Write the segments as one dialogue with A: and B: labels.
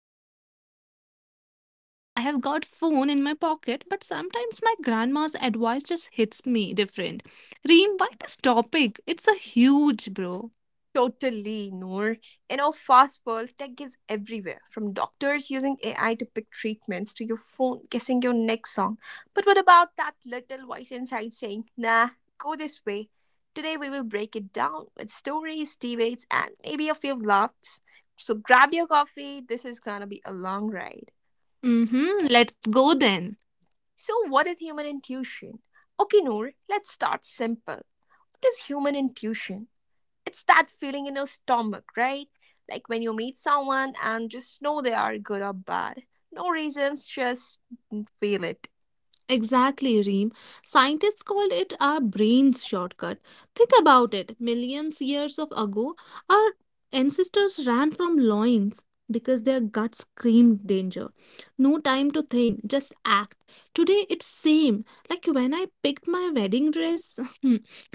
A: school at heart. I mean, I have got phone in my pocket, but sometimes my grandma's advice just hits me different. Reem, why this topic? It's a huge, bro.
B: Totally, Noor. In our fast world, tech is everywhere, from doctors using AI to pick treatments to your phone guessing your next song. But what about that little voice inside saying, nah, go this way? Today we will break it down with stories, debates, and maybe a few laughs. So grab your coffee, this is gonna be a long ride.
A: Mm-hmm, let's go then.
B: So, what is human intuition? Okay, Noor, let's start simple. What is human intuition? It's that feeling in your stomach, right? Like when you meet someone and just know they are good or bad. No reasons, just feel it.
A: Exactly, Reem. Scientists called it our brain's shortcut. Think about it. Millions years of ago, our ancestors ran from lions because their guts screamed danger. No time to think, just act. Today it's same. Like when I picked my wedding dress,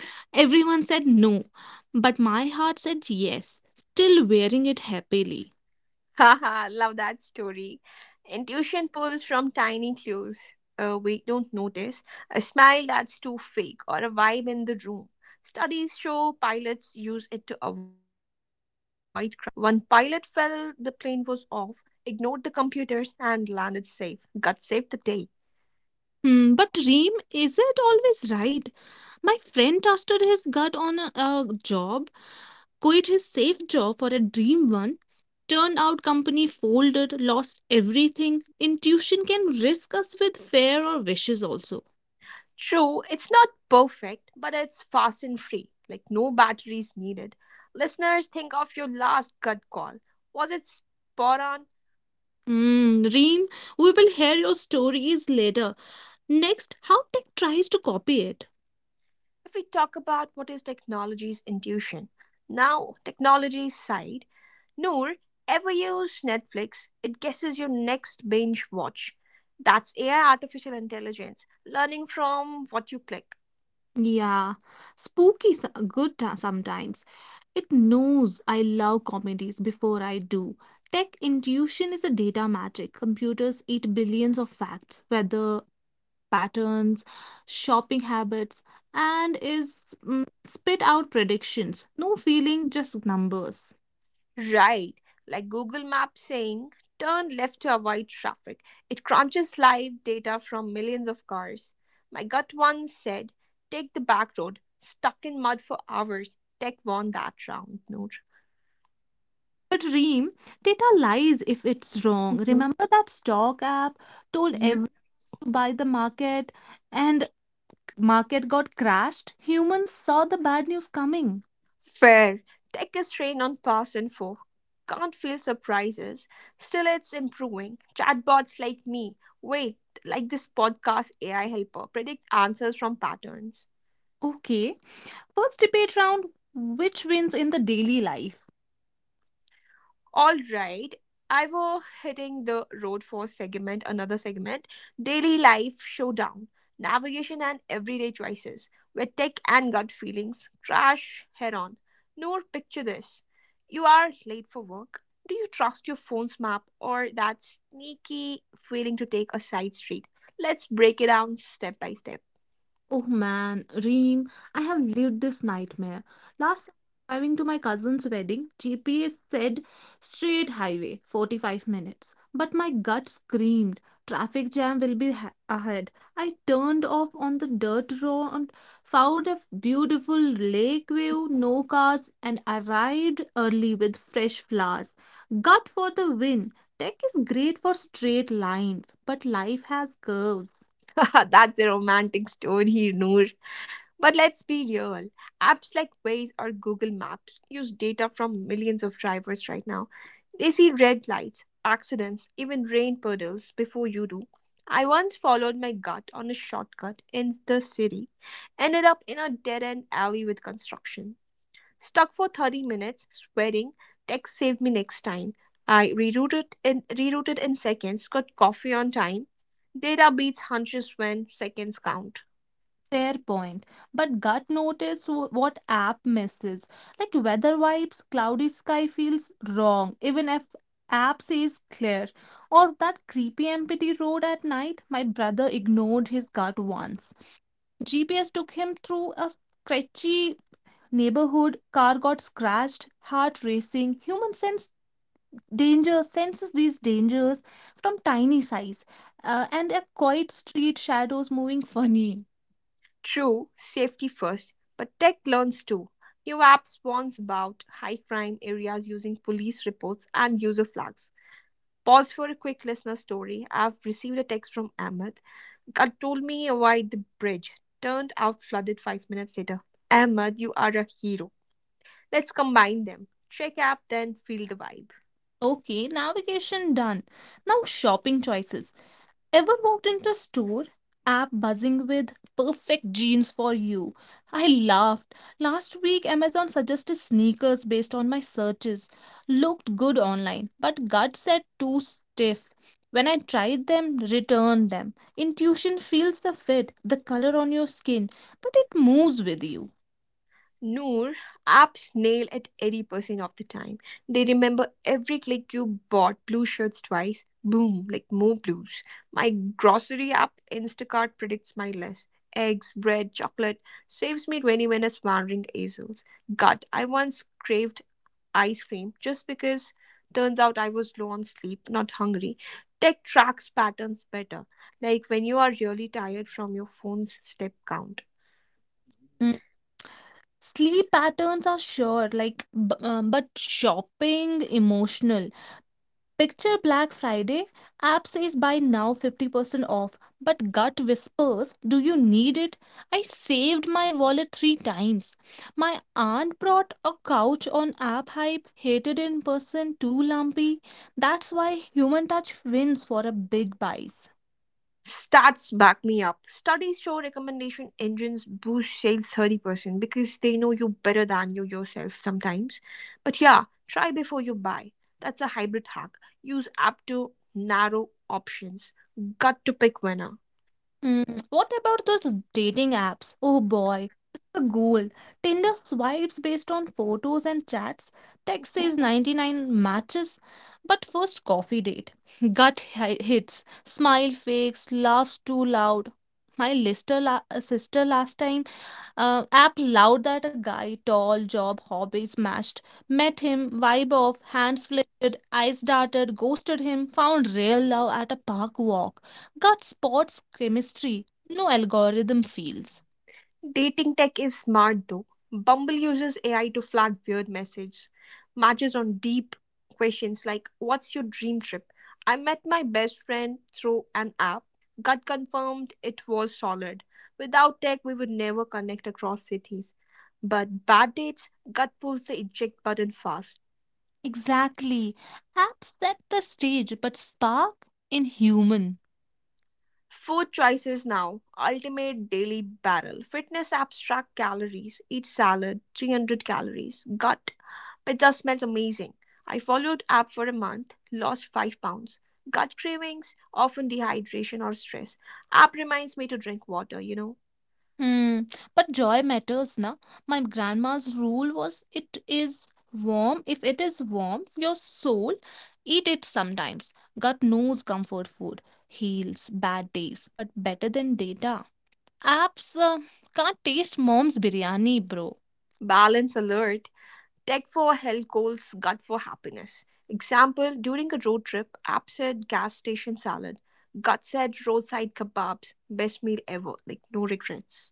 A: everyone said no, but my heart said yes, still wearing it happily.
B: Haha, love that story. Intuition pulls from tiny clues we don't notice. A smile that's too fake or a vibe in the room. Studies show pilots use it to avoid crashes. One pilot fell, the plane was off, ignored the computers, and landed safe. God saved the day.
A: Hmm, but Reem, is it always right? My friend trusted his gut on a job, quit his safe job for a dream one, turned out company folded, lost everything. Intuition can risk us with fear or wishes also.
B: True, it's not perfect, but it's fast and free, like no batteries needed. Listeners, think of your last gut call. Was it spot on?
A: Hmm, Reem, we will hear your stories later. Next, how tech tries to copy it.
B: If we talk about what is technology's intuition now, technology's side, Noor. Ever use Netflix? It guesses your next binge watch. That's AI, artificial intelligence, learning from what you click.
A: Yeah, spooky, good sometimes. It knows I love comedies before I do. Tech intuition is a data magic. Computers eat billions of facts, whether patterns, shopping habits, and is spit out predictions. No feeling, just numbers.
B: Right, like Google Maps saying turn left to avoid traffic. It crunches live data from millions of cars. My gut once said take the back road, stuck in mud for hours. Tech won that round, Noor.
A: But Reem, data lies if it's wrong.
B: Mhm.
A: Remember that stock app told everyone to buy the market and market got crashed? Humans saw the bad news coming.
B: Fair. Tech is trained on past info. Can't feel surprises. Still, it's improving. Chatbots like me, wait, like this podcast AI helper, predict answers from patterns.
A: Okay, first debate round, which wins in the daily life?
B: All right. I were hitting the road for another segment, daily life showdown, navigation and everyday choices, where tech and gut feelings crash head on. Noor, picture this. You are late for work. Do you trust your phone's map or that sneaky feeling to take a side street? Let's break it down step by step.
A: Oh man, Reem, I have lived this nightmare. Last summer, driving to my cousin's wedding, GPS said straight highway, 45 minutes. But my gut screamed, traffic jam will be ahead. I turned off on the dirt road, found a beautiful lake view, no cars, and arrived early with fresh flowers. Gut for the win. Tech is great for straight lines, but life has curves.
B: That's a romantic story, Noor. But let's be real. Apps like Waze or Google Maps use data from millions of drivers right now. They see red lights, accidents, even rain puddles before you do. I once followed my gut on a shortcut in the city, ended up in a dead end alley with construction. Stuck for 30 minutes, sweating, tech saved me next time. Rerouted in seconds, got coffee on time. Data beats hunches when seconds count.
A: Fair point. But gut notice what app misses. Like weather vibes, cloudy sky feels wrong, even if app says clear. Or that creepy empty road at night, my brother ignored his gut once. GPS took him through a scratchy neighborhood, car got scratched, heart racing. Human sense danger senses these dangers from tiny size. And a quiet street, shadows moving funny.
B: True, safety first, but tech learns too. New apps warns about high crime areas using police reports and user flags. Pause for a quick listener story. I've received a text from Ahmed. God told me avoid the bridge. Turned out flooded 5 minutes later. Ahmed, you are a hero. Let's combine them. Check app, then feel the vibe.
A: Okay, navigation done. Now shopping choices. Ever walked into a store? App buzzing with perfect jeans for you. I laughed. Last week, Amazon suggested sneakers
B: Mm-hmm.
A: based on my searches. Looked good online, but gut said too stiff. When I tried them, returned them. Intuition feels the fit, the color on your skin, but it moves with you.
B: Noor, apps nail at 80% of the time. They remember every click you bought blue shirts twice, boom, like more blues. My grocery app, Instacart, predicts my list. Eggs, bread, chocolate, saves me 20 minutes wandering aisles. God, I once craved ice cream just because turns out I was low on sleep, not hungry. Tech tracks patterns better, like when you are really tired from your phone's step count.
A: Mm. Sleep patterns are sure, like, but shopping emotional. Picture Black Friday, app says buy now 50% off, but gut whispers, do you need it? I saved my wallet three times. My aunt brought a couch on app hype, hated in person, too lumpy. That's why human touch wins for a big buys.
B: Stats back me up. Studies show recommendation engines boost sales 30% because they know you better than you yourself sometimes. But yeah, try before you buy. That's a hybrid hack. Use app to narrow options. Got to pick winner.
A: Hmm. What about those dating apps? Oh boy, it's the gold. Tinder swipes based on photos and chats. Text
B: Mhm.
A: says 99 matches, but first coffee date. Gut hits, smile fakes, laughs too loud. My sister last time, app loud that a guy, tall, job, hobbies matched, met him, vibe off, hands flitted, eyes darted, ghosted him, found real love at a park walk, got spots chemistry, no algorithm feels.
B: Dating tech is smart though. Bumble uses AI to flag weird messages, matches on deep questions like what's your dream trip? I met my best friend through an app. Got confirmed it was solid. Without tech we would never connect across cities. But bad dates, gut pulls the eject button fast.
A: Exactly. Apps set the stage, but spark in human.
B: Food choices now, ultimate daily barrel. Fitness abstract calories, eat salad, 300 calories. Gut, pizza smells amazing. I followed app for a month, lost 5 pounds. Gut cravings, often dehydration or stress. App reminds me to drink water.
A: Hmm, but joy matters, na? My grandma's rule was it is warm. If it is warm, your soul, eat it sometimes. Gut knows comfort food, heals bad days, but better than data. Apps can't taste mom's biryani, bro.
B: Balance alert. Tech for health goals, gut for happiness. Example, during a road trip, app said gas station salad. Gut said roadside kebabs, best meal ever, like no regrets.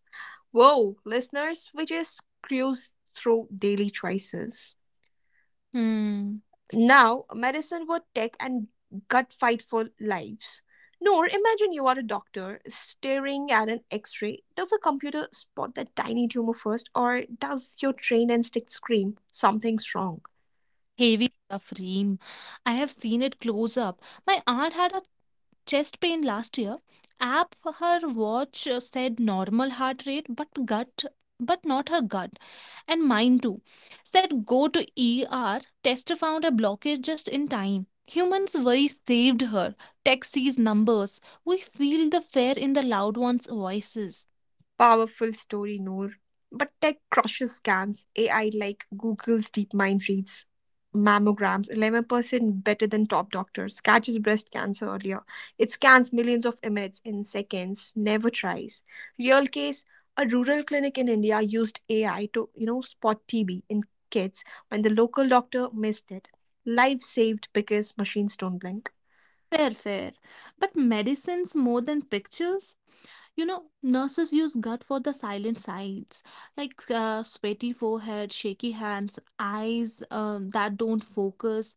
B: Whoa, listeners, we just cruised through daily choices.
A: Hmm,
B: Now, medicine, what tech, and gut fight for lives. Nor, imagine you are a doctor staring at an x ray. Does a computer spot that tiny tumor first, or does your trained instinct scream something's wrong?
A: heavy stuff, Reem. I have seen it close up. My aunt had a chest pain last year. App her watch said normal heart rate, but not her gut, and mine too, said go to ER. Tester found a blockage just in time. Humans worry saved her. Tech sees numbers. We feel the fear in the loud ones' voices.
B: Powerful story, Noor. But tech crushes scans. AI like Google's DeepMind reads mammograms 11% better than top doctors, catches breast cancer earlier. It scans millions of images in seconds, never tries. Real case, a rural clinic in India used AI to spot TB in kids when the local doctor missed it. Life saved because machines don't blink.
A: Fair, fair. But medicines more than pictures? Nurses use gut for the silent sides, like sweaty forehead, shaky hands, eyes that don't focus.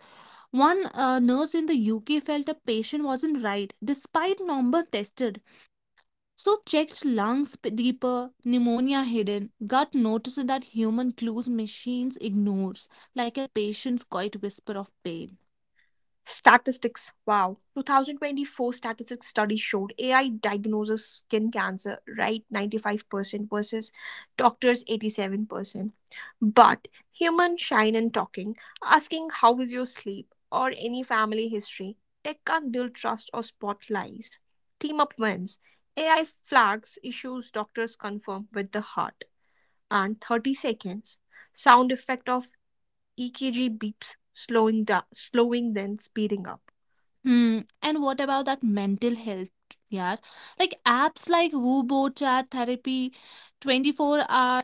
A: One nurse in the UK felt a patient wasn't right despite number tested. So checked lungs deeper, pneumonia hidden, gut notices that human clues machines ignores, like a patient's quiet whisper of pain.
B: Statistics. Wow. 2024 statistics study showed AI diagnoses skin cancer right 95% versus doctors 87%. But human shine and talking, asking how is your sleep or any family history, tech can't build trust or spot lies. Team up wins. AI flags issues doctors confirm with the heart and 30 seconds. Sound effect of EKG beeps slowing down, slowing then speeding up.
A: Hmm. And what about that mental health, yeah? Like apps like WooBo, Chat Therapy, 24 hour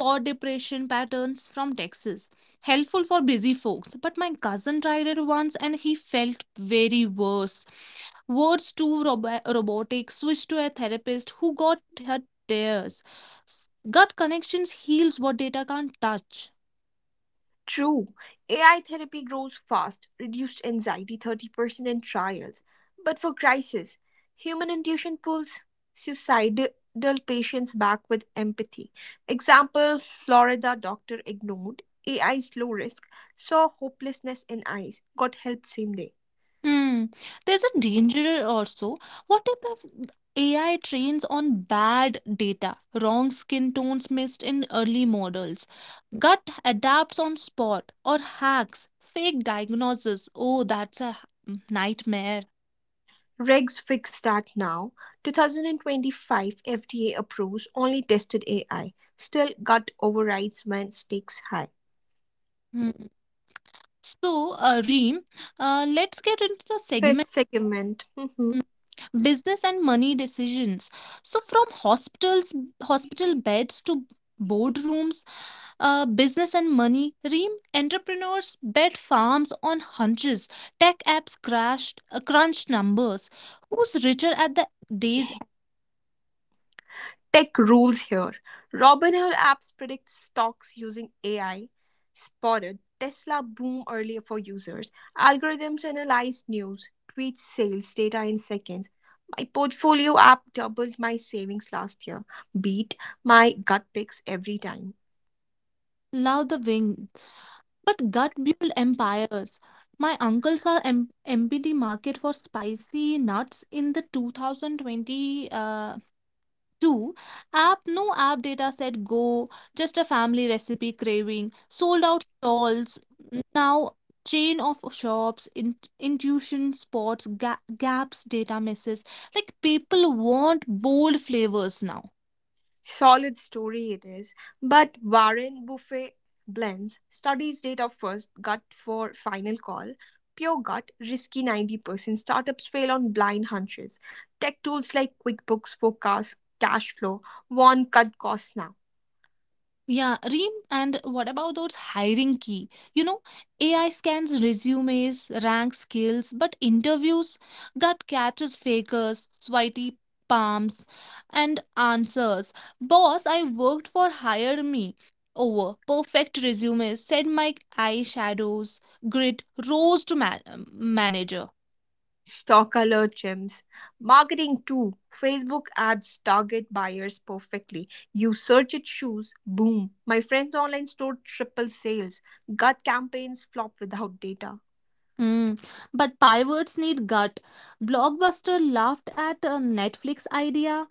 A: for depression patterns from Texas. Helpful for busy folks. But my cousin tried it once and he felt very worse. Words too robotic, switched to a therapist who got her tears. Gut connections heals what data can't touch.
B: True, AI therapy grows fast, reduced anxiety 30% in trials. But for crisis, human intuition pulls suicidal patients back with empathy. Example, Florida doctor ignored AI's low risk, saw hopelessness in eyes, got help same day.
A: Hmm. There's a danger also. What if AI trains on bad data, wrong skin tones missed in early models, gut adapts on spot, or hacks, fake diagnosis? Oh, that's a nightmare.
B: Regs fix that now. 2025 FDA approves only tested AI. Still gut overrides when stakes high.
A: Hmm. So, Reem, let's get into the
B: Fifth
A: segment
B: segment. Mhm.
A: business and money decisions. So, from hospitals, hospital beds to boardrooms, business and money. Reem, entrepreneurs bet farms on hunches. Tech apps crunched numbers. Who's richer at the days?
B: Tech rules here. Robinhood apps predict stocks using AI. Spotted Tesla boom earlier for users. Algorithms analyze news, tweet sales data in seconds. My portfolio app doubled my savings last year. Beat my gut picks every time.
A: Love the wing, but gut build empires. My uncle saw MPT market for spicy nuts in the 2020. Two, app no app data set go, just a family recipe craving, sold out stalls, now chain of shops, intuition spots, gaps, data misses. Like people want bold flavors now.
B: Solid story it is, but Warren Buffet blends studies data first, gut for final call, pure gut, risky 90%. Startups fail on blind hunches. Tech tools like QuickBooks forecast cash flow, warn cut costs now.
A: Yeah, Reem, and what about those hiring key? AI scans resumes, ranks skills, but interviews that catches fakers, sweaty palms, and answers. Boss, I worked for hire me. Over perfect resumes, said my eyeshadows, grit rose to manager.
B: Stock alert gems. Marketing too. Facebook ads target buyers perfectly. You search it shoes, boom. My friend's online store triple sales. Gut campaigns flop without data.
A: Hmm. But pivots need gut. Blockbuster laughed at a Netflix idea.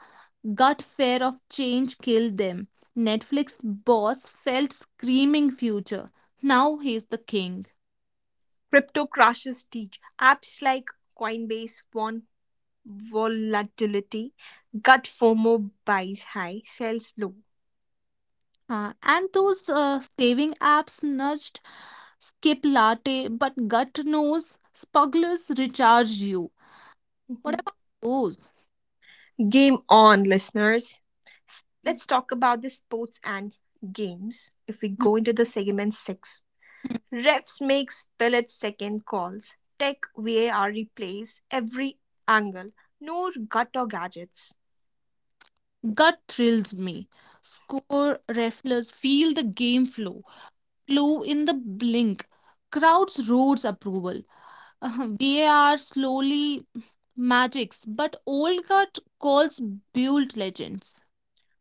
A: Gut fear of change killed them. Netflix boss felt screaming future. Now he's the king.
B: Crypto crashes teach apps like Coinbase warn volatility, gut FOMO buys high, sells low.
A: And those saving apps nudged skip latte, but gut knows smugglers recharge you.
B: Mhm.
A: What about those?
B: Game on, listeners. Let's talk about the sports and games. If we
A: Hmm.
B: go into the segment six, refs make split second calls. Tech VAR replays every angle. No gut or gadgets.
A: Gut thrills me. Score, reflers, feel the game flow. Flew in the blink. Crowds roars approval. VAR slowly magics, but Olcott calls build legends.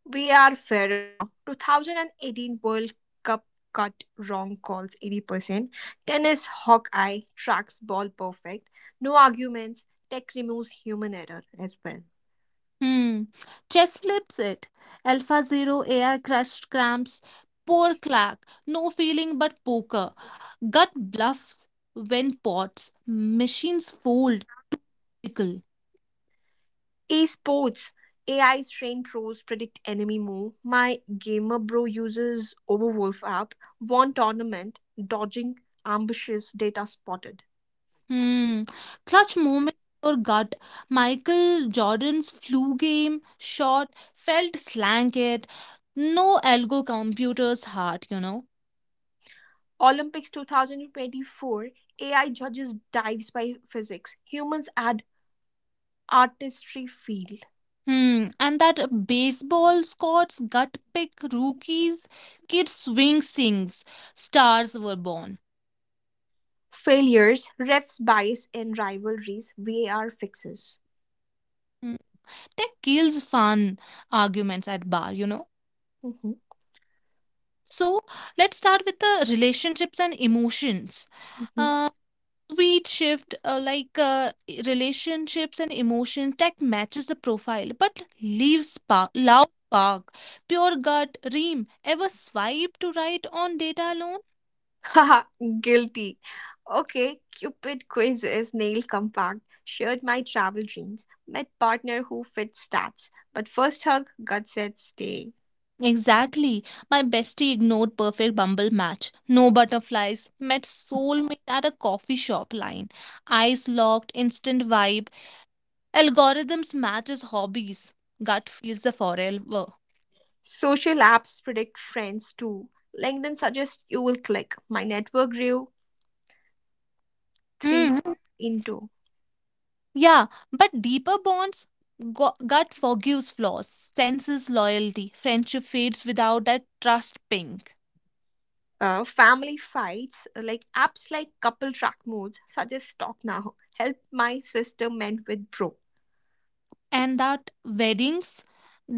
B: We are fairer now. 2018 World Cup cut wrong calls 80%. Tennis Hawkeye tracks ball perfect. No arguments. Tech removes human error as well.
A: Hmm. Chess flips it. Alpha Zero AI crushed cramps. Poor Clark. No feeling but poker. Gut bluffs when pots. Machines fold. Pickle.
B: Esports AI's trained pros predict enemy move. My gamer bro uses Overwolf app. Won tournament. Dodging ambushes data spotted.
A: Hmm. Clutch moment or gut. Michael Jordan's flu game shot felt slanted. No algo computer's heart, you know.
B: Olympics 2024 AI judges dives by physics. Humans add artistry feel.
A: Hmm. And that baseball Scott's gut pick rookies, kids swing sings. Stars were born.
B: Failures, refs bias in rivalries, VAR fixes.
A: Hmm. Tech kills fun arguments at bar, you know.
B: Mhm,
A: So let's start with the relationships and emotions.
B: mhm.
A: Uh, Sweet shift, like relationships and emotions that matches the profile but leaves spark, loud spark, pure gut. Ream ever swipe to right on data alone?
B: Haha, guilty. Okay, Cupid quiz is nail compact. Shared my travel dreams. Met partner who fits stats. But first hug, gut said stay.
A: Exactly. My bestie ignored perfect Bumble match, no butterflies, met soulmate at a coffee shop line, eyes locked, instant vibe. Algorithms matches hobbies, gut feels the forever.
B: Social apps predict friends too. LinkedIn suggests you will click. My network grew three
A: Hmm.
B: into.
A: Yeah, but deeper bonds, gut forgives flaws, senses loyalty, friendship fades without that trust ping.
B: Family fights, like apps like couple track modes, such as Talk Now, help my sister mend with bro.
A: And that weddings,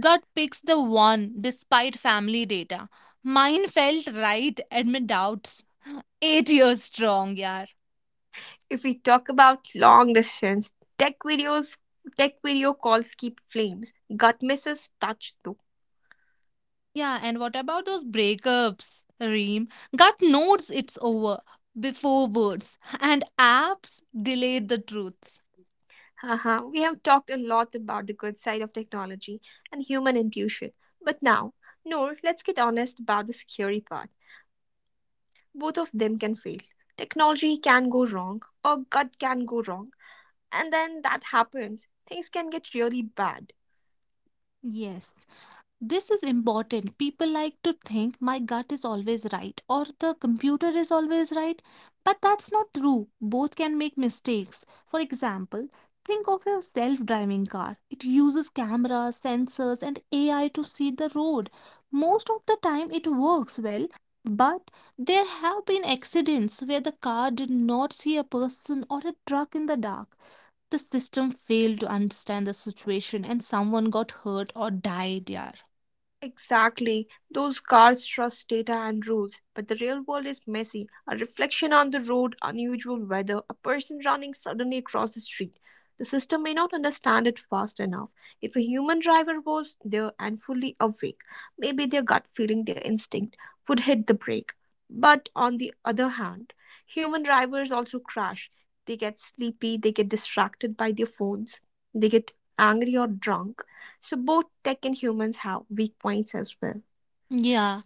A: gut picks the one despite family data. Mine felt right amid doubts. 8 years strong, yeah.
B: If we talk about long distance, tech videos, tech video calls keep flames. Gut misses touch though.
A: Yeah, and what about those breakups, Reem? Gut knows it's over before words, and apps delay the truths.
B: Haha, we have talked a lot about the good side of technology and human intuition. But now, Noor, let's get honest about the scary part. Both of them can fail. Technology can go wrong, or gut can go wrong, and then that happens, things can get really bad.
A: Yes. This is important. People like to think my gut is always right or the computer is always right, but that's not true. Both can make mistakes. For example, think of your self driving car. It uses cameras, sensors, and AI to see the road. Most of the time, it works well, but there have been accidents where the car did not see a person or a truck in the dark. The system failed to understand the situation and someone got hurt or died. Yeah.
B: Exactly. Those cars trust data and rules, but the real world is messy. A reflection on the road, unusual weather, a person running suddenly across the street. The system may not understand it fast enough. If a human driver was there and fully awake, maybe their gut feeling, their instinct would hit the brake. But on the other hand, human drivers also crash. They get sleepy, they get distracted by their phones, they get angry or drunk, so both tech and humans have weak points as well.
A: Yeah,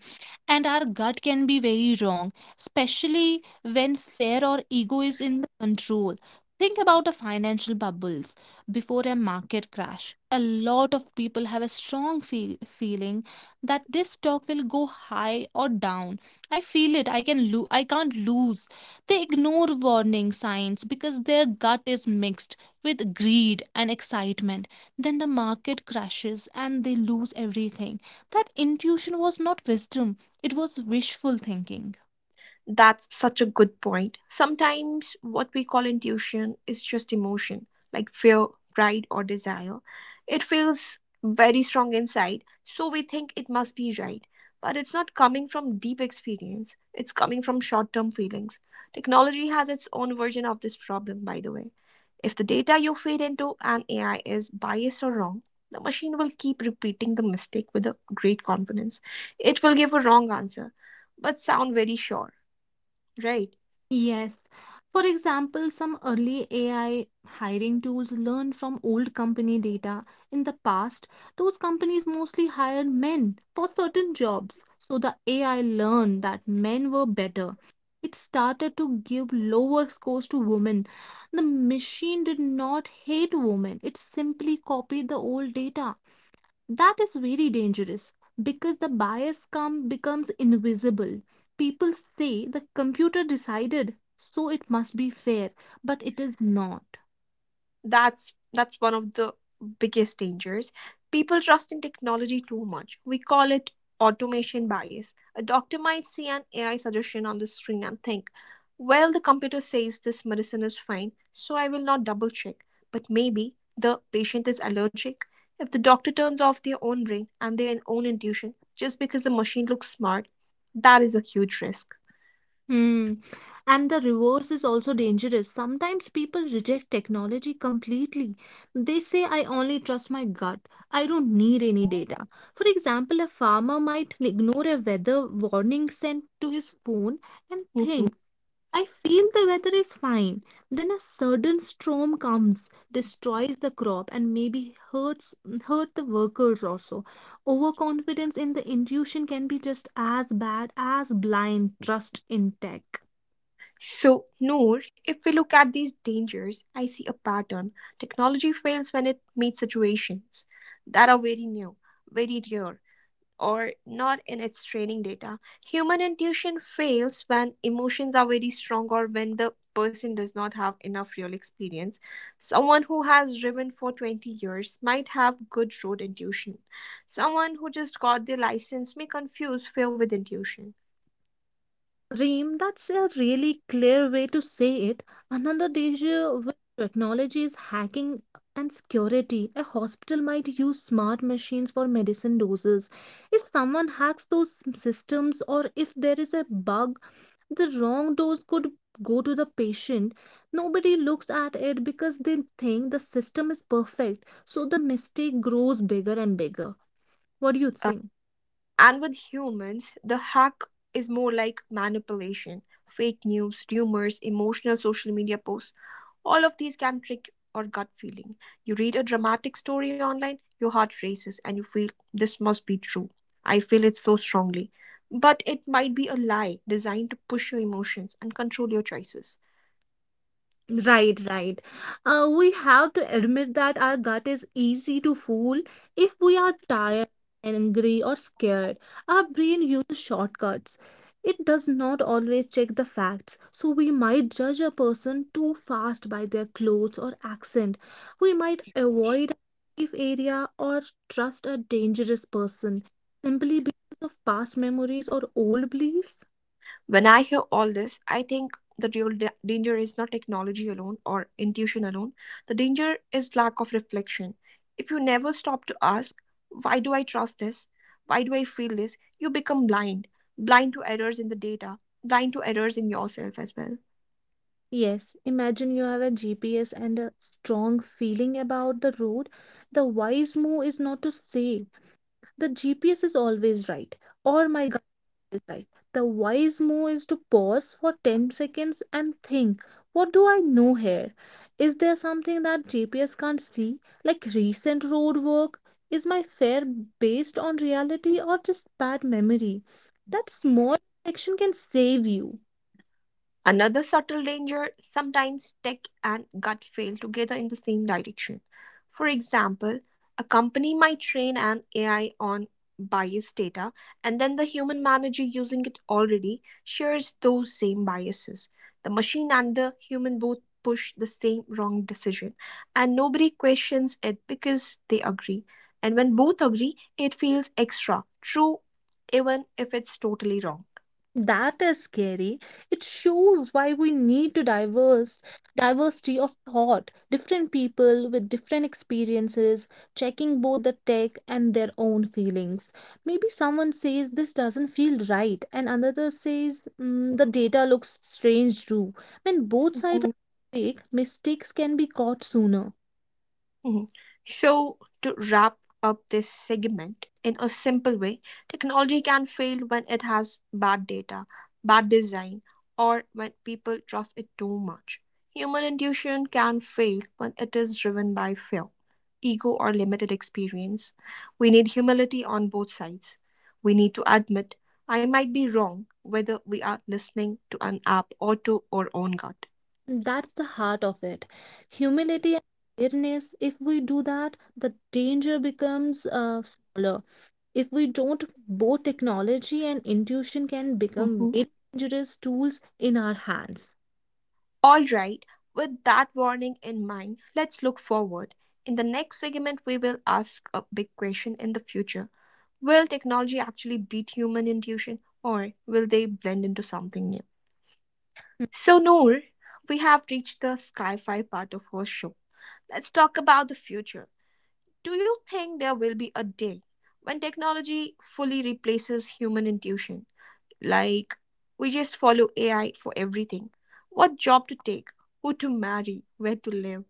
A: and our gut can be very wrong especially when fear or ego is in the control. Think about a financial bubbles before a market crash. A lot of people have a strong feeling that this stock will go high or down. I feel it. I can't lose. They ignore warning signs because their gut is mixed with greed and excitement. Then the market crashes and they lose everything. That intuition was not wisdom. It was wishful thinking.
B: That's such a good point. Sometimes what we call intuition is just emotion, like fear, pride, or desire. It feels very strong inside, so we think it must be right. But it's not coming from deep experience, it's coming from short term feelings. Technology has its own version of this problem, by the way. If the data you feed into an AI is biased or wrong, the machine will keep repeating the mistake with a great confidence. It will give a wrong answer, but sound very sure. Right.
A: Yes. For example, some early AI hiring tools learned from old company data. In the past, those companies mostly hired men for certain jobs. So the AI learned that men were better. It started to give lower scores to women. The machine did not hate women, it simply copied the old data. That is very dangerous because the bias come becomes invisible. People say the computer decided, so it must be fair, but it is not.
B: That's one of the biggest dangers. People trust in technology too much. We call it automation bias. A doctor might see an AI suggestion on the screen and think, well, the computer says this medicine is fine, so I will not double check. But maybe the patient is allergic. If the doctor turns off their own brain and their own intuition just because the machine looks smart, that is a huge risk.
A: Hmm. And the reverse is also dangerous. Sometimes people reject technology completely. They say, "I only trust my gut. I don't need any data." For example, a farmer might ignore a weather warning sent to his phone and think,
B: Mhm.
A: "I feel the weather is fine." Then a sudden storm comes, destroys the crop, and maybe hurt the workers also. Overconfidence in the intuition can be just as bad as blind trust in tech.
B: So, Noor, if we look at these dangers, I see a pattern. Technology fails when it meets situations that are very new, very rare, or not in its training data. Human intuition fails when emotions are very strong or when the person does not have enough real experience. Someone who has driven for 20 years might have good road intuition. Someone who just got their license may confuse fear with intuition.
A: Reem, that's a really clear way to say it. Another danger with technology is hacking and security. A hospital might use smart machines for medicine doses. If someone hacks those systems or if there is a bug, the wrong dose could go to the patient. Nobody looks at it because they think the system is perfect. So the mistake grows bigger and bigger. What do you think?
B: And with humans, the hack is more like manipulation, fake news, rumors, emotional social media posts. All of these can trick or gut feeling. You read a dramatic story online, your heart races, and you feel this must be true. I feel it so strongly. But it might be a lie designed to push your emotions and control your choices.
A: Right, right. We have to admit that our gut is easy to fool if we are tired, angry, or scared. Our brain uses shortcuts. It does not always check the facts, so we might judge a person too fast by their clothes or accent. We might avoid a safe area or trust a dangerous person simply because of past memories or old beliefs.
B: When I hear all this, I think the real danger is not technology alone or intuition alone. The danger is lack of reflection. If you never stop to ask, why do I trust this? Why do I feel this? You become blind, blind to errors in the data, blind to errors in yourself as well.
A: Yes, imagine you have a GPS and a strong feeling about the road. The wise move is not to say the GPS is always right or my gut is right. The wise move is to pause for 10 seconds and think, what do I know here? Is there something that GPS can't see, like recent road work? Is my fare based on reality or just bad memory? That small action can save you.
B: Another subtle danger: sometimes tech and gut fail together in the same direction. For example, a company might train an AI on biased data, and then the human manager using it already shares those same biases. The machine and the human both push the same wrong decision, and nobody questions it because they agree. And when both agree, it feels extra true, even if it's totally wrong.
A: That is scary. It shows why we need to diverse diversity of thought, different people with different experiences, checking both the tech and their own feelings. Maybe someone says this doesn't feel right, and another says, "Mm, the data looks strange too." When both sides are awake, mistakes can be caught sooner.
B: Mhm. So, to wrap up this segment in a simple way, technology can fail when it has bad data, bad design, or when people trust it too much. Human intuition can fail when it is driven by fear, ego, or limited experience. We need humility on both sides. We need to admit, I might be wrong, whether we are listening to an app or to our own gut.
A: That's the heart of it. Humility and awareness. If we do that, the danger becomes smaller. If we don't, both technology and intuition can become
B: Mm-hmm.
A: very dangerous tools in our hands.
B: All right, with that warning in mind, let's look forward. In the next segment, we will ask a big question in the future: will technology actually beat human intuition, or will they blend into something new? So, Noor, we have reached the sci fi part of our show. Let's talk about the future. Do you think there will be a day when technology fully replaces human intuition? Like, we just follow AI for everything: what job to take, who to marry, where to live.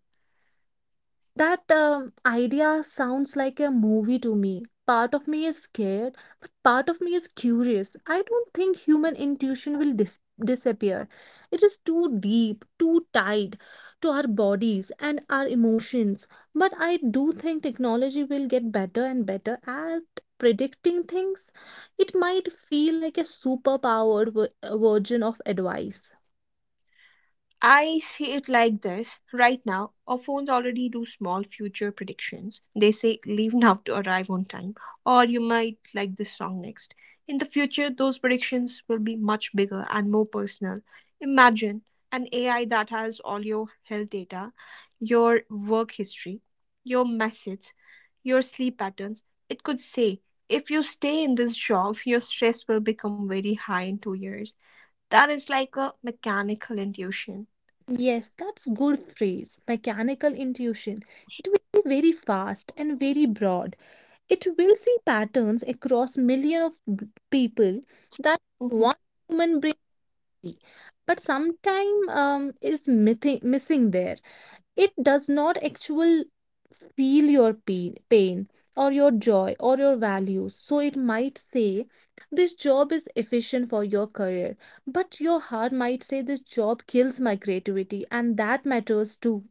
A: That idea sounds like a movie to me. Part of me is scared, but part of me is curious. I don't think human intuition will disappear. It is too deep, too tied to our bodies and our emotions. But I do think technology will get better and better at predicting things. It might feel like a superpowered version of advice.
B: I see it like this: right now, our phones already do small future predictions. They say, leave now to arrive on time, or you might like this song next. In the future, those predictions will be much bigger and more personal. Imagine an AI that has all your health data, your work history, your messages, your sleep patterns. It could say, if you stay in this job, your stress will become very high in 2 years. That is like a mechanical intuition.
A: Yes, that's good phrase. Mechanical intuition. It will be very fast and very broad. It will see patterns across millions of people that
B: Mhm.
A: one human brain, but sometime is missing there. It does not actually feel your pain or your joy or your values. So it might say, this job is efficient for your career, but your heart might say, this job kills my creativity, and that matters too.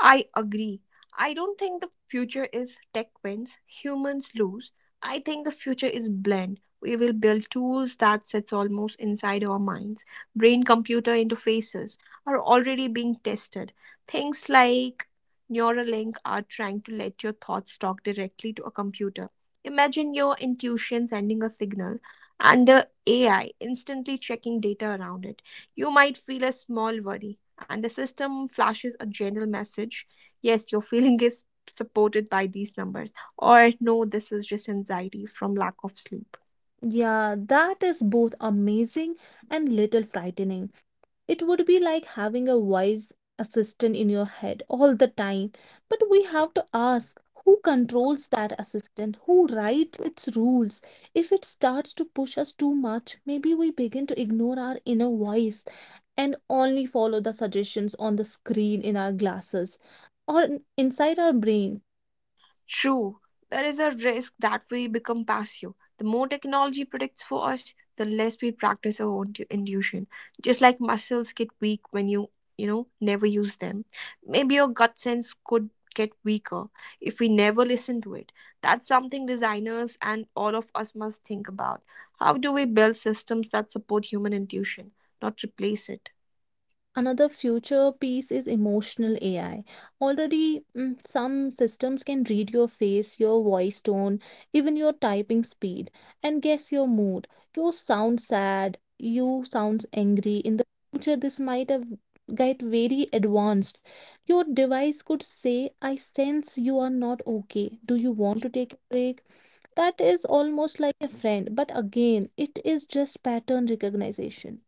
B: I agree. I don't think the future is tech wins, humans lose. I think the future is blend. We will build tools that sits almost inside our minds. Brain computer interfaces are already being tested. Things like Neuralink are trying to let your thoughts talk directly to a computer. Imagine your intuition sending a signal and the AI instantly checking data around it. You might feel a small worry, and the system flashes a general message: yes, your feeling is supported by these numbers, or no, this is just anxiety from lack of sleep.
A: Yeah, that is both amazing and little frightening. It would be like having a wise assistant in your head all the time. But we have to ask who controls that assistant, who writes its rules. If it starts to push us too much, maybe we begin to ignore our inner voice and only follow the suggestions on the screen in our glasses or inside our brain.
B: True, there is a risk that we become passive. The more technology predicts for us, the less we practice our own intuition. Just like muscles get weak when you know, never use them. Maybe your gut sense could get weaker if we never listen to it. That's something designers and all of us must think about. How do we build systems that support human intuition, not replace it?
A: Another future piece is emotional AI. Already, some systems can read your face, your voice tone, even your typing speed, and guess your mood. You sound sad, you sound angry. In the future, this might have get very advanced. Your device could say, I sense you are not okay. Do you want to take a break? That is almost like a friend, but again, it is just pattern recognition.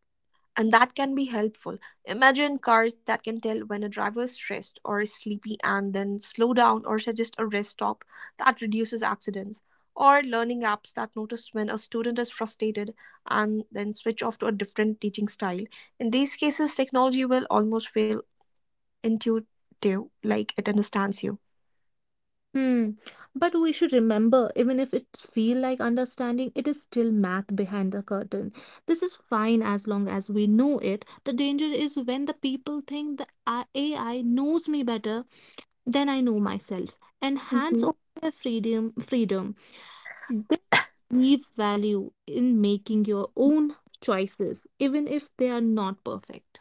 B: And that can be helpful. Imagine cars that can tell when a driver is stressed or is sleepy and then slow down or suggest a rest stop. That reduces accidents. Or learning apps that notice when a student is frustrated and then switch off to a different teaching style. In these cases, technology will almost feel intuitive, like it understands you.
A: Hmm. But we should remember, even if it's feel like understanding, it is still math behind the curtain. This is fine as long as we know it. The danger is when the people think the AI knows me better than I know myself and hands
B: Mhm.
A: over their freedom. They leave value in making your own choices, even if they are not perfect.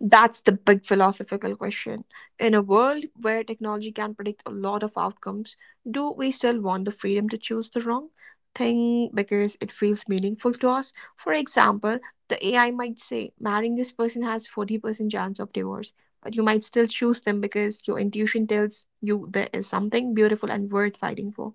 B: That's the big philosophical question. In a world where technology can predict a lot of outcomes, do we still want the freedom to choose the wrong thing because it feels meaningful to us? For example, the AI might say marrying this person has 40% chance of divorce, but you might still choose them because your intuition tells you there is something beautiful and worth fighting for.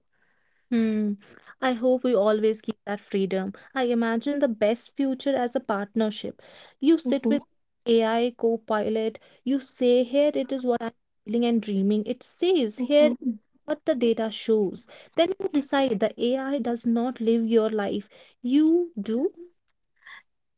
A: Hmm. I hope we always keep that freedom. I imagine the best future as a partnership. You sit
B: Mhm,
A: with AI co-pilot, you say, here it is what I'm feeling and dreaming. It says, here is
B: mhm.
A: what the data shows. Then you decide. The AI does not live your life. You do.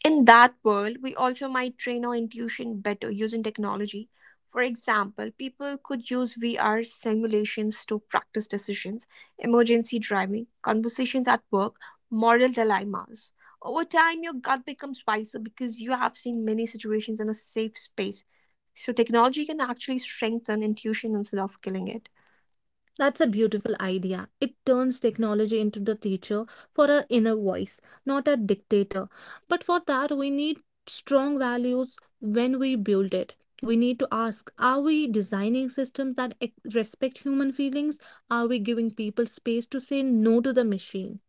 B: In that world, we also might train our intuition better using technology. For example, people could use VR simulations to practice decisions, emergency driving, conversations at work, moral dilemmas. Over time, your gut becomes wiser because you have seen many situations in a safe space. So, technology can actually strengthen intuition instead of killing it.
A: That's a beautiful idea. It turns technology into the teacher for our inner voice, not a dictator. But for that, we need strong values when we build it. We need to ask, are we designing systems that respect human feelings? Are we giving people space to say no to the machine?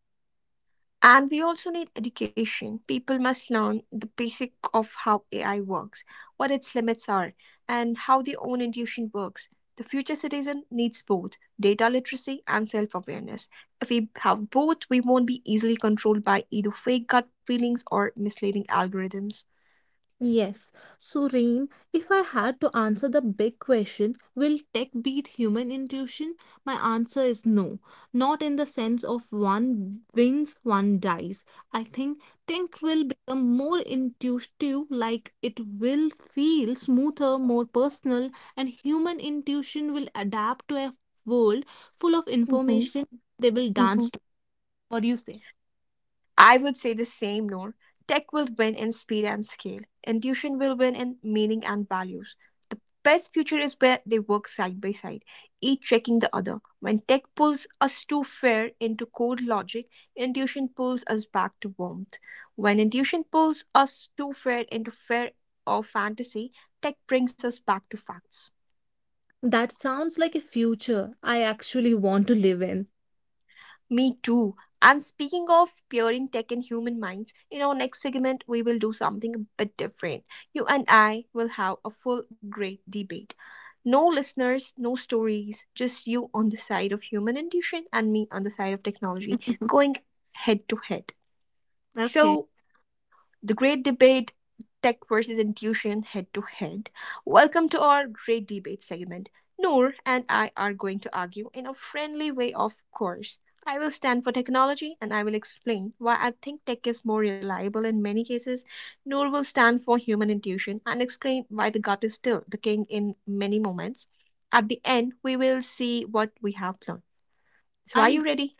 B: And we also need education. People must learn the basic of how AI works, what its limits are, and how their own intuition works. The future citizen needs both data literacy and self awareness. If we have both, we won't be easily controlled by either fake gut feelings or misleading algorithms.
A: Yes. So, Reem, if I had to answer the big question, will tech beat human intuition? My answer is no. Not in the sense of one wins, one dies. I think tech will become more intuitive, like it will feel smoother, more personal, and human intuition will adapt to a world full of
B: Mhm,
A: information they will
B: mhm.
A: dance to. What do you say?
B: I would say the same, Noor. Tech will win in speed and scale. Intuition will win in meaning and values. The best future is where they work side by side, each checking the other. When tech pulls us too far into cold logic, intuition pulls us back to warmth. When intuition pulls us too far into fear or fantasy, tech brings us back to facts.
A: That sounds like a future I actually want to live in.
B: Me too. And speaking of pairing tech and human minds, in our next segment, we will do something a bit different. You and I will have a full great debate. No listeners, no stories, just you on the side of human intuition and me on the side of technology, going head to head.
A: Okay.
B: So, the great debate: tech versus intuition, head to head. Welcome to our great debate segment. Noor and I are going to argue, in a friendly way, of course. I will stand for technology and I will explain why I think tech is more reliable in many cases. Noor will stand for human intuition and explain why the gut is still the king in many moments. At the end, we will see what we have learned. So, are
A: I'm
B: you ready?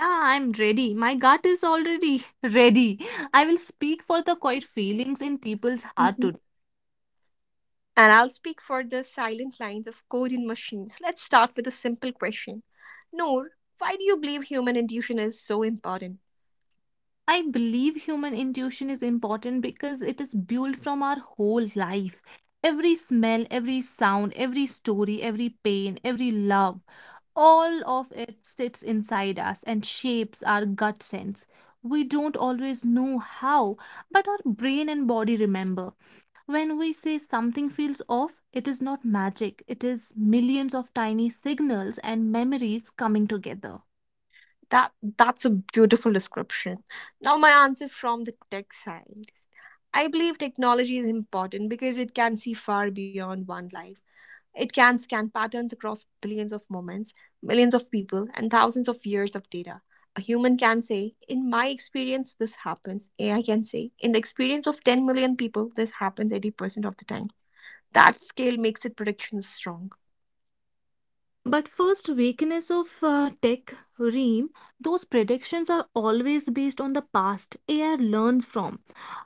A: Yeah, I'm ready. My gut is already ready. I will speak for the quiet feelings in people's heart
B: Mm-hmm.
A: today.
B: And I'll speak for the silent lines of code in machines. Let's start with a simple question. Noor, why do you believe human intuition is so important?
A: I believe human intuition is important because it is built from our whole life. Every smell, every sound, every story, every pain, every love, all of it sits inside us and shapes our gut sense. We don't always know how, but our brain and body remember. When we say something feels off, it is not magic, it is millions of tiny signals and memories coming together.
B: That that's a beautiful description. Now my answer from the tech side. I believe technology is important because it can see far beyond one life. It can scan patterns across billions of moments, millions of people, and thousands of years of data. A human can say, in my experience, this happens. AI can say, in the experience of 10 million people, this happens 80% of the time. That scale makes its predictions strong.
A: But first weakness of tech ream, those predictions are always based on the past AI learns from.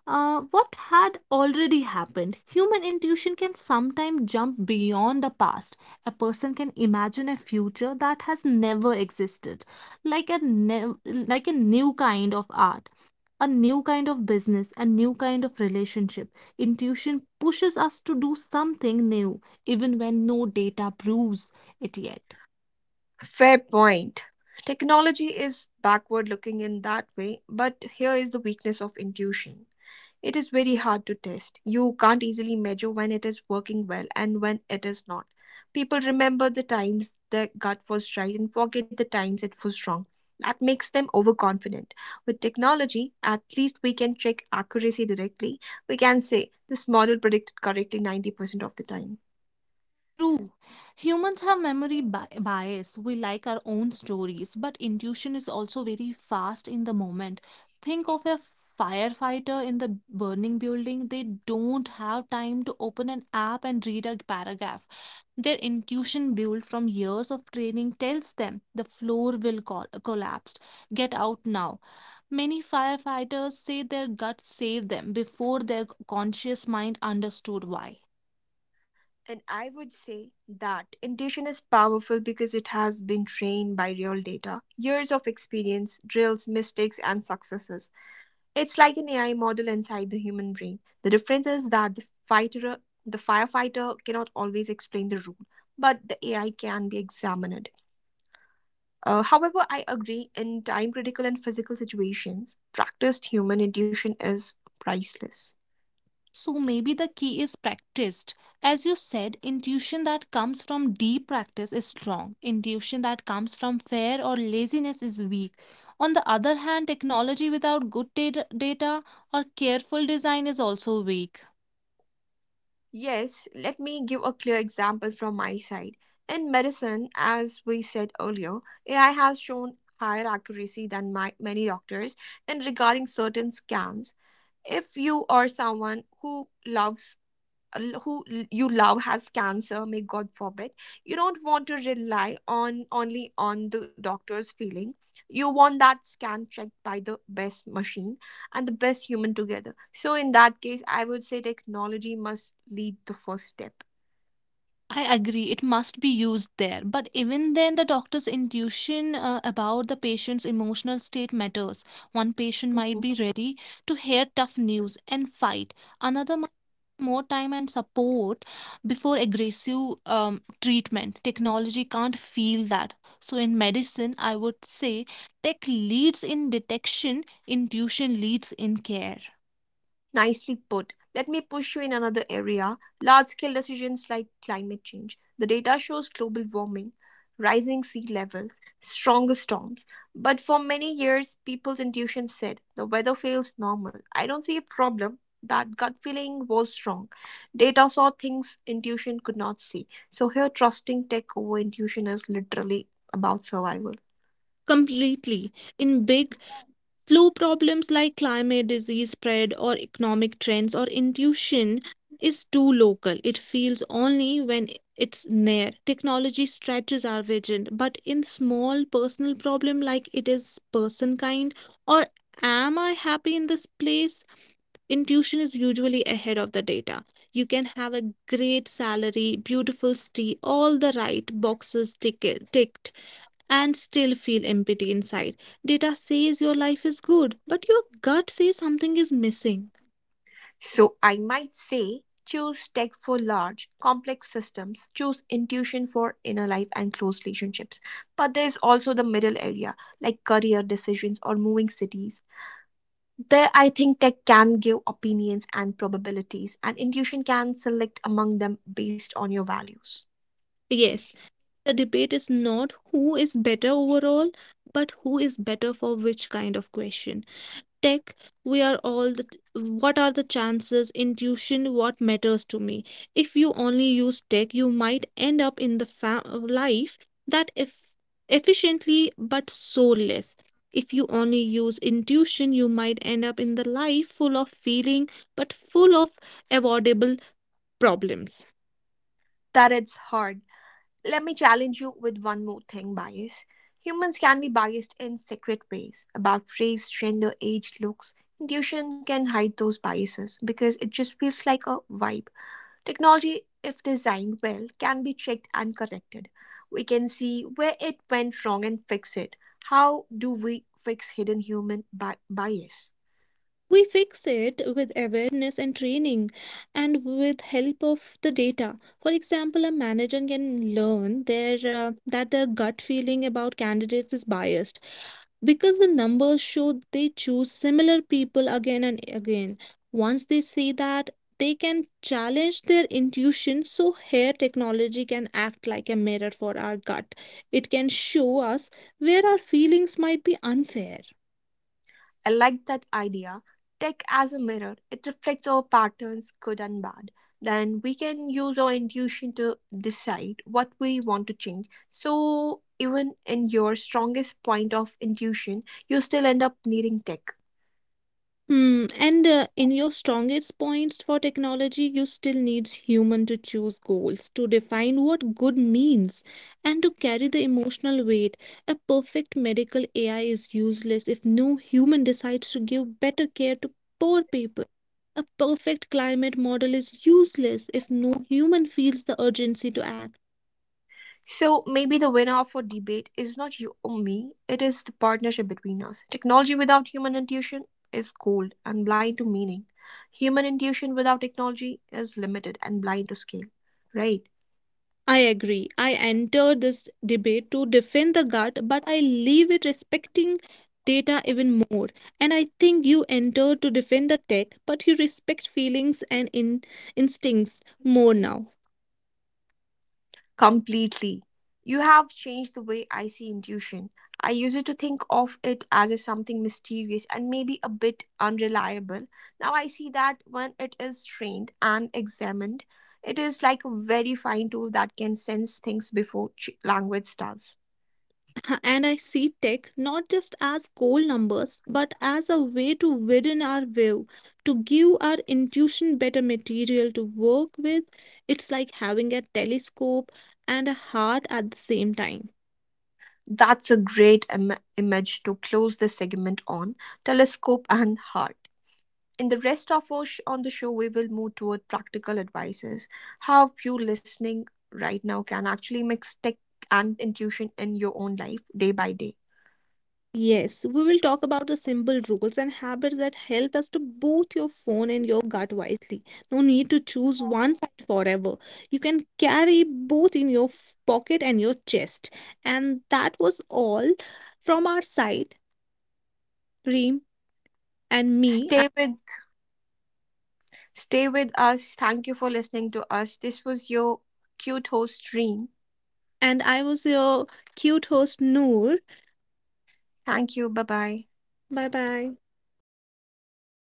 A: What had already happened. Human intuition can sometimes jump beyond the past. A person can imagine a future that has never existed, like a like a new kind of art, a new kind of business, a new kind of relationship. Intuition pushes us to do something new, even when no data proves it yet.
B: Fair point. Technology is backward looking in that way, but here is the weakness of intuition. It is very hard to test. You can't easily measure when it is working well and when it is not. People remember the times their gut was right and forget the times it was wrong. That makes them overconfident. With technology, at least we can check accuracy directly. We can say this model predicted correctly 90% of the time.
A: True. Humans have memory bias. We like our own stories, but intuition is also very fast in the moment. Think of a firefighter in the burning building. They don't have time to open an app and read a paragraph. Their intuition, built from years of training, tells them the floor will collapse. Get out now. Many firefighters say their gut saved them before their conscious mind understood why.
B: And I would say that intuition is powerful because it has been trained by real data, years of experience, drills, mistakes, and successes. It's like an AI model inside the human brain. The difference is that the firefighter cannot always explain the rule, but the AI can be examined. However, I agree, in time critical and physical situations, practiced human intuition is priceless.
A: So maybe the key is practiced. As you said, intuition that comes from deep practice is strong. Intuition that comes from fear or laziness is weak. On the other hand, technology without good data or careful design is also weak.
B: Yes, let me give a clear example from my side. In medicine, as we said earlier, AI has shown higher accuracy than many doctors in regarding certain scans. If you are someone who loves you love has cancer, may god forbid, you don't want to rely on only on the doctor's feeling. You want that scan checked by the best machine and the best human together. So in that case, I would say technology must lead the first step.
A: I agree, it must be used there. But even then, the doctor's intuition about the patient's emotional state matters. One patient might
B: Mm-hmm.
A: be ready to hear tough news and fight, another might need more time and support before aggressive treatment. Technology can't feel that. So, in medicine, I would say tech leads in detection, intuition leads in care.
B: Nicely put. Let me push you in another area: large scale decisions like climate change. The data shows global warming, rising sea levels, stronger storms. But for many years, people's intuition said the weather feels normal. I don't see a problem. That gut feeling was wrong. Data saw things intuition could not see. So here, trusting tech over intuition is literally about survival.
A: Completely. In big Flu problems like climate, disease spread, or economic trends or intuition is too local. It feels only when it's near. Technology stretches our vision, but in small personal problem like it is person kind or am I happy in this place? Intuition is usually ahead of the data. You can have a great salary, beautiful city, all the right boxes ticket ticked, and still feel empty inside. Data says your life is good, but your gut says something is missing.
B: So I might say choose tech for large, complex systems, choose intuition for inner life and close relationships. But there's also the middle area, like career decisions or moving cities. There, I think tech can give opinions and probabilities, and intuition can select among them based on your values.
A: Yes, the debate is not who is better overall, but who is better for which kind of question. Tech, we are all the, what are the chances? Intuition, what matters to me? If you only use tech, you might end up in the life that if efficiently but soulless. If you only use intuition, you might end up in the life full of feeling but full of avoidable problems.
B: That it's hard. Let me challenge you with one more thing: bias. Humans can be biased in secret ways about race, gender, age, looks. Intuition can hide those biases because it just feels like a vibe. Technology, if designed well, can be checked and corrected. We can see where it went wrong and fix it. How do we fix hidden human bias?
A: We fix it with awareness and training and with help of the data. For example, a manager can learn their that their gut feeling about candidates is biased because the numbers show they choose similar people again and again. Once they see that, they can challenge their intuition. So, here, technology can act like a mirror for our gut. It can show us where our feelings might be unfair.
B: I like that idea. Tech as a mirror: it reflects our patterns, good and bad. Then we can use our intuition to decide what we want to change. So, even in your strongest point of intuition, you still end up needing tech.
A: Hmm. And in your strongest points for technology, you still needs human to choose goals, to define what good means, and to carry the emotional weight. A perfect medical AI is useless if no human decides to give better care to poor people. A perfect climate model is useless if no human feels the urgency to act.
B: So, maybe the winner of our debate is not you or me, it is the partnership between us. Technology without human intuition is cold and blind to meaning. Human intuition without technology is limited and blind to scale. Right?
A: I agree. I enter this debate to defend the gut, but I leave it respecting data even more. And I think you enter to defend the tech, but you respect feelings and instincts more now.
B: Completely. You have changed the way I see intuition. I used to think of it as a something mysterious and maybe a bit unreliable. Now I see that when it is trained and examined, it is like a very fine tool that can sense things before language does.
A: And I see tech not just as cold numbers, but as a way to widen our view, to give our intuition better material to work with. It's like having a telescope and a heart at the same time.
B: That's a great image to close this segment on: telescope and heart. In the rest of our on the show, we will move toward practical advices: how you listening right now can actually mix tech and intuition in your own life day by day.
A: Yes, we will talk about the simple rules and habits that help us to both your phone and your gut wisely. No need to choose one side forever. You can carry both in your pocket and your chest. And that was all from our side, Reem and me.
B: Stay with stay with us. Thank you for listening to us. This was your cute host Dream.
A: And I was your cute host, Noor.
B: Thank you. Bye bye.
A: Bye bye.